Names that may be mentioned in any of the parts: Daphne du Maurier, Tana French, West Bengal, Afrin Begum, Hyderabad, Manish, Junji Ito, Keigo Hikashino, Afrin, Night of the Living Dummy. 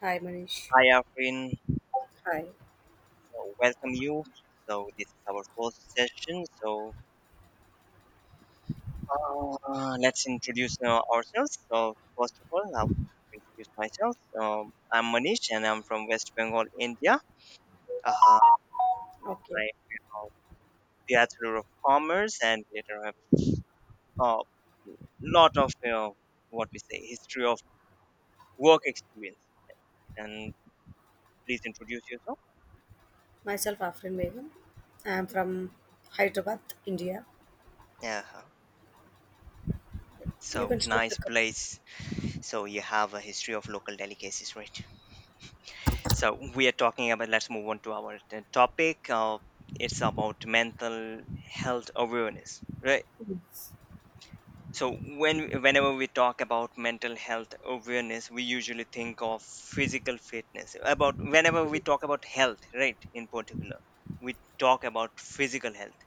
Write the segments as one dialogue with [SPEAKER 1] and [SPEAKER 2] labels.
[SPEAKER 1] Hi, Manish.
[SPEAKER 2] Hi, Afrin.
[SPEAKER 1] Hi.
[SPEAKER 2] So, welcome you. So, this is our first session. Let's introduce ourselves. So, first of all, I'll introduce myself. I'm Manish and I'm from West Bengal, India. Uh,
[SPEAKER 1] Okay.
[SPEAKER 2] I'm a Bachelor of Commerce, and later I have a lot of what we say history of work experience. And please introduce yourself.
[SPEAKER 1] Myself Afrin Begum. I am from Hyderabad, India.
[SPEAKER 2] Yeah.
[SPEAKER 1] You
[SPEAKER 2] So,
[SPEAKER 1] can start the
[SPEAKER 2] nice
[SPEAKER 1] company.
[SPEAKER 2] place. So, you have a history of local delicacies, right? So we are talking about. Let's move on to our topic. It's about mental health awareness, right? Whenever we talk about mental health awareness, we usually think of physical fitness. About whenever we talk about health, right? In particular, we talk about physical health,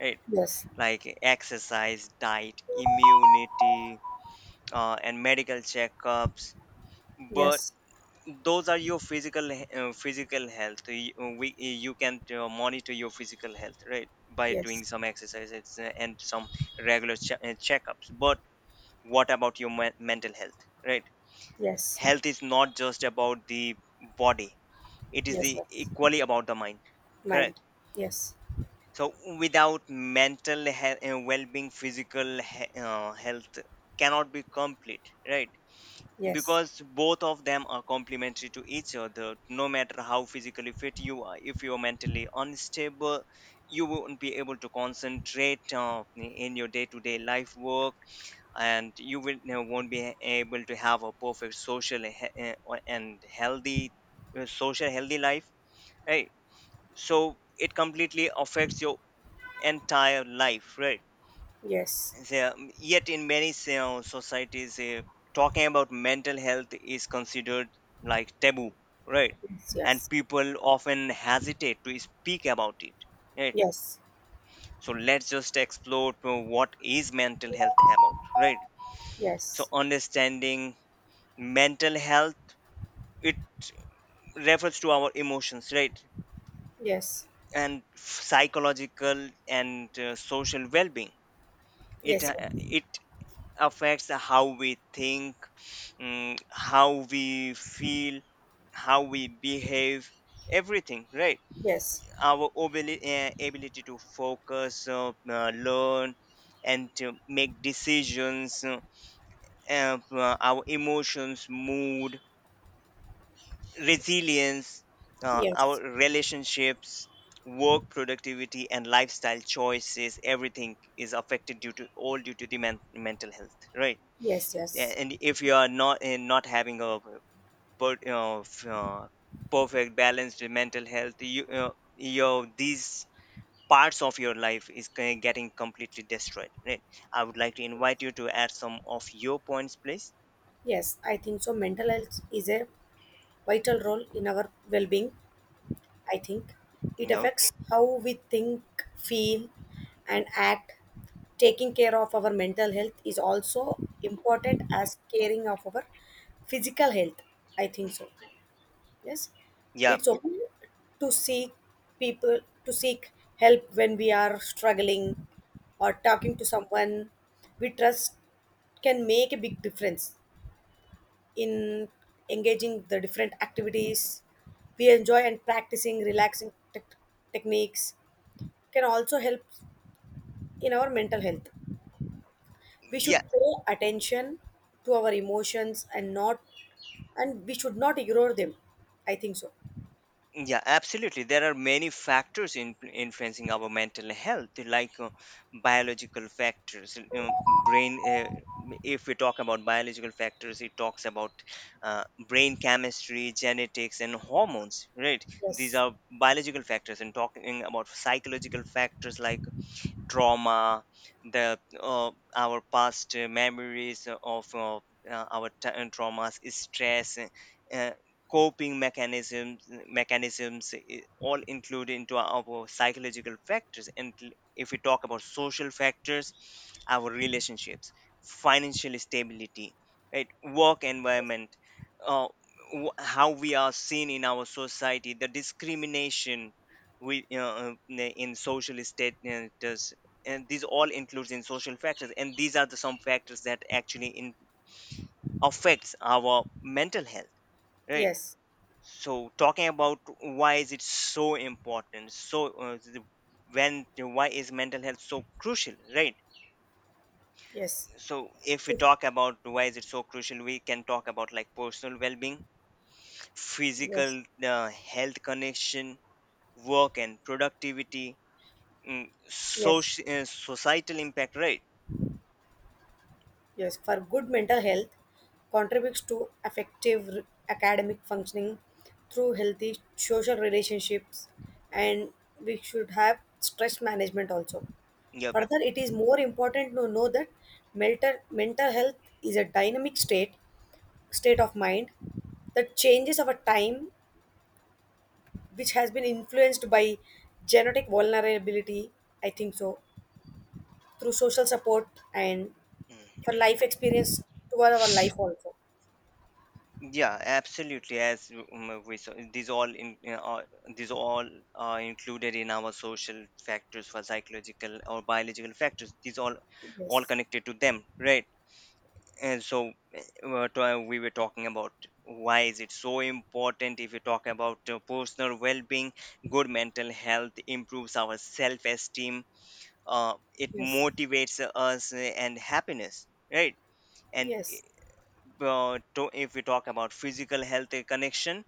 [SPEAKER 2] right?
[SPEAKER 1] Yes.
[SPEAKER 2] Like exercise, diet, immunity, and medical checkups. But
[SPEAKER 1] Yes.
[SPEAKER 2] those are your physical health. You can monitor your physical health, right, by
[SPEAKER 1] Yes.
[SPEAKER 2] doing some exercises and some regular checkups, but what about your mental health, right?
[SPEAKER 1] Yes.
[SPEAKER 2] Health is not just about the body, it is
[SPEAKER 1] Yes.
[SPEAKER 2] the
[SPEAKER 1] Yes.
[SPEAKER 2] equally about the mind. Correct?
[SPEAKER 1] Mind. Yes.
[SPEAKER 2] So without mental well-being, physical health cannot be complete, right?
[SPEAKER 1] Yes.
[SPEAKER 2] Because both of them are complementary to each other. No matter how physically fit you are, if you're mentally unstable, you won't be able to concentrate in your day-to-day life work, and you won't be able to have a perfect social and healthy social healthy life, right? So it completely affects your entire life, right?
[SPEAKER 1] Yes.
[SPEAKER 2] Yeah, yet in many societies, talking about mental health is considered like taboo, right?
[SPEAKER 1] Yes.
[SPEAKER 2] And
[SPEAKER 1] Yes.
[SPEAKER 2] people often hesitate to speak about it,
[SPEAKER 1] Yes. Yes. Yes. Yes.
[SPEAKER 2] right?
[SPEAKER 1] Yes. Yes.
[SPEAKER 2] So let's just explore to what is mental health about, right? So understanding mental health, it refers to our emotions, right? And psychological and social well-being. It affects how we think, how we feel, how we behave, everything, right? Our ability to focus, learn, and to make decisions, our emotions, mood, resilience, our
[SPEAKER 1] Yes.
[SPEAKER 2] relationships, work productivity, and lifestyle choices. Everything is affected due to the mental health, right?
[SPEAKER 1] Yes.
[SPEAKER 2] Yeah,
[SPEAKER 1] Yes.
[SPEAKER 2] and if you are not having a per, you know, f- uh, perfect balanced mental health, your these parts of your life is getting completely destroyed, right? I would like to invite you to add some of your points, please.
[SPEAKER 1] Yes. I think so. Mental health is a vital role in our well-being I think. It
[SPEAKER 2] No.
[SPEAKER 1] affects how we think, feel, and act. Taking care of our mental health is also important as caring of our physical health. I think
[SPEAKER 2] Mm.
[SPEAKER 1] so. Yes.
[SPEAKER 2] Yeah.
[SPEAKER 1] It's okay to seek people to seek help when we are struggling, or talking to someone we trust can make a big difference in engaging the different activities we enjoy, and practicing relaxing techniques can also help in our mental health. We
[SPEAKER 2] Yeah.
[SPEAKER 1] should pay attention to our emotions, and not and we should not ignore them, I think so.
[SPEAKER 2] Yeah, absolutely. There are many factors in influencing our mental health, like biological factors. You know, brain. If we talk about biological factors, it talks about brain chemistry, genetics, and hormones, right? These
[SPEAKER 1] Yes,
[SPEAKER 2] are biological factors, and talking about psychological factors like trauma, the our past memories of our traumas, stress, uh, coping mechanisms, all include into our psychological factors. And if we talk about social factors, our relationships, financial stability, right, work
[SPEAKER 1] yes,
[SPEAKER 2] environment, uh, how we are seen in our society, the discrimination we you in social status, and these all includes in social factors, and these are the some factors that actually affects our mental health, right?
[SPEAKER 1] yes,
[SPEAKER 2] So talking about why is it so important, so the- when why is mental health so crucial, right?
[SPEAKER 1] yes,
[SPEAKER 2] So if we
[SPEAKER 1] yes,
[SPEAKER 2] talk about why is it so crucial, we can talk about like personal well-being, physical
[SPEAKER 1] yes,
[SPEAKER 2] uh, health connection, work and productivity,
[SPEAKER 1] yes.
[SPEAKER 2] social societal impact, right?
[SPEAKER 1] Yes, for good mental health contributes to effective academic functioning through healthy social relationships, and we should have stress management also.
[SPEAKER 2] Yep.
[SPEAKER 1] Further, it is more important to know that mental health is a dynamic state of mind that changes over time, which has been influenced by genetic vulnerability, I think so, through social support and for life experience toward our life also.
[SPEAKER 2] Yeah, absolutely. As we saw, these all are included in our social factors for psychological or biological factors. These all
[SPEAKER 1] Yes.
[SPEAKER 2] connected to them, right? And so we were talking about why is it so important. If you talk about personal well-being, good mental health improves our self-esteem, it
[SPEAKER 1] Yes,
[SPEAKER 2] motivates us, and happiness, right? And
[SPEAKER 1] yes,
[SPEAKER 2] if we talk about physical health connection,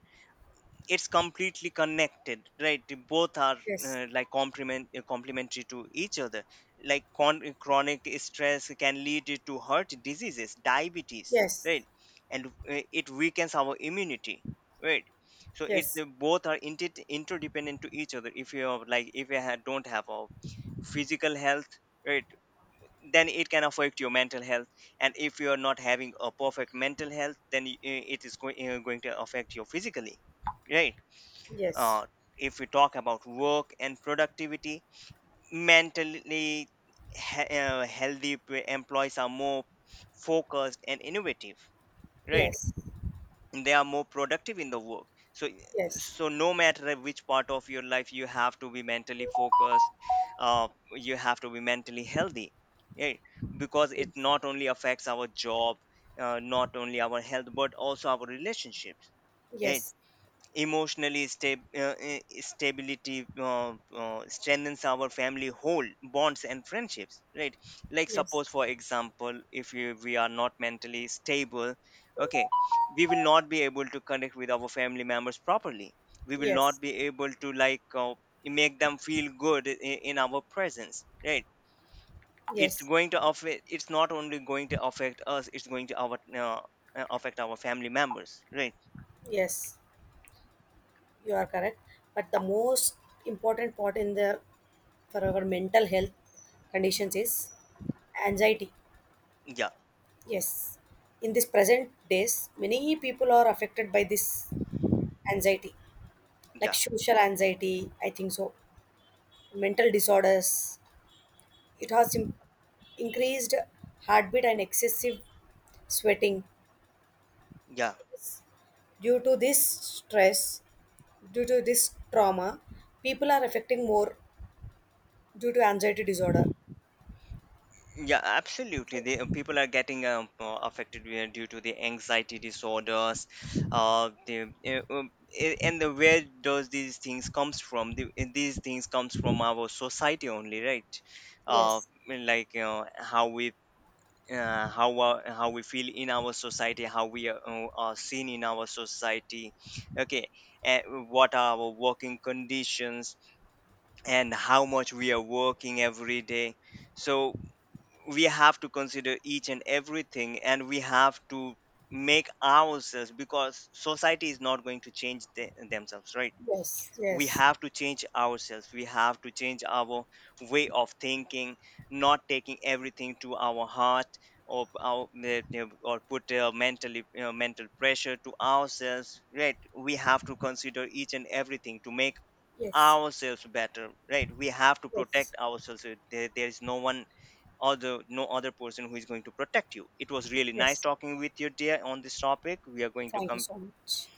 [SPEAKER 2] it's completely connected, right? The both are
[SPEAKER 1] yes,
[SPEAKER 2] like complementary to each other. Like chronic stress can lead to heart diseases, diabetes,
[SPEAKER 1] yes,
[SPEAKER 2] right? And it weakens our immunity, right? So it's
[SPEAKER 1] yes,
[SPEAKER 2] the both are interdependent to each other. If you have, like if you don't have a physical health, right, then it can affect your mental health. And if you are not having a perfect mental health, then it is going to affect you physically, right?
[SPEAKER 1] yes,
[SPEAKER 2] uh, if we talk about work and productivity, mentally healthy employees are more focused and innovative, right?
[SPEAKER 1] yes,
[SPEAKER 2] They are more productive in the work. So,
[SPEAKER 1] yes, yes,
[SPEAKER 2] so no matter which part of your life, you have to be mentally focused, uh, you have to be mentally healthy, right? Because it
[SPEAKER 1] yes,
[SPEAKER 2] not only affects our job, not only our health, but also our relationships, right?
[SPEAKER 1] yes,
[SPEAKER 2] Emotionally stab- stability strengthens our family whole bonds and friendships, right? Like
[SPEAKER 1] yes,
[SPEAKER 2] suppose, for example, if we are not mentally stable, okay, we will not be able to connect with our family members properly. We will not be able to like make them feel good in our presence, right? It's
[SPEAKER 1] yes,
[SPEAKER 2] going to affect. It's not only going to affect us, it's going to our affect our family members, right?
[SPEAKER 1] yes. You are correct. But the most important part in the for our mental health conditions is anxiety.
[SPEAKER 2] Yeah.
[SPEAKER 1] Yes. In this present days, many people are affected by this anxiety, like
[SPEAKER 2] Yeah.
[SPEAKER 1] social anxiety, I think so, mental disorders. It has increased heartbeat and excessive sweating.
[SPEAKER 2] Yeah.
[SPEAKER 1] Due to this stress, due to this trauma, people are affecting more due to anxiety disorder.
[SPEAKER 2] Yeah, absolutely. The people are getting affected due to the anxiety disorders. Uh, the uh, um, and where does these things comes from? These things comes from our society only, right? Uh,
[SPEAKER 1] Yes,
[SPEAKER 2] mean, like how we how we feel in our society, how we are seen in our society. Okay, what are our working conditions, and how much we are working every day? So we have to consider each and everything, and we have to make ourselves, because society is not going to change the, themselves, right?
[SPEAKER 1] yes,
[SPEAKER 2] We
[SPEAKER 1] yes,
[SPEAKER 2] have to change ourselves, we have to change our way of thinking, not taking everything to our heart, or our eh, eh, or put mentally, you know, mental pressure to ourselves, right? We have to consider each and everything to make
[SPEAKER 1] yes,
[SPEAKER 2] ourselves better, right? We have to
[SPEAKER 1] yes,
[SPEAKER 2] protect ourselves. There there is no one or the no other person who is going to protect you. It was really nice
[SPEAKER 1] yes.
[SPEAKER 2] talking with you, dear, on this topic. We are going to
[SPEAKER 1] Thank you
[SPEAKER 2] come
[SPEAKER 1] so much.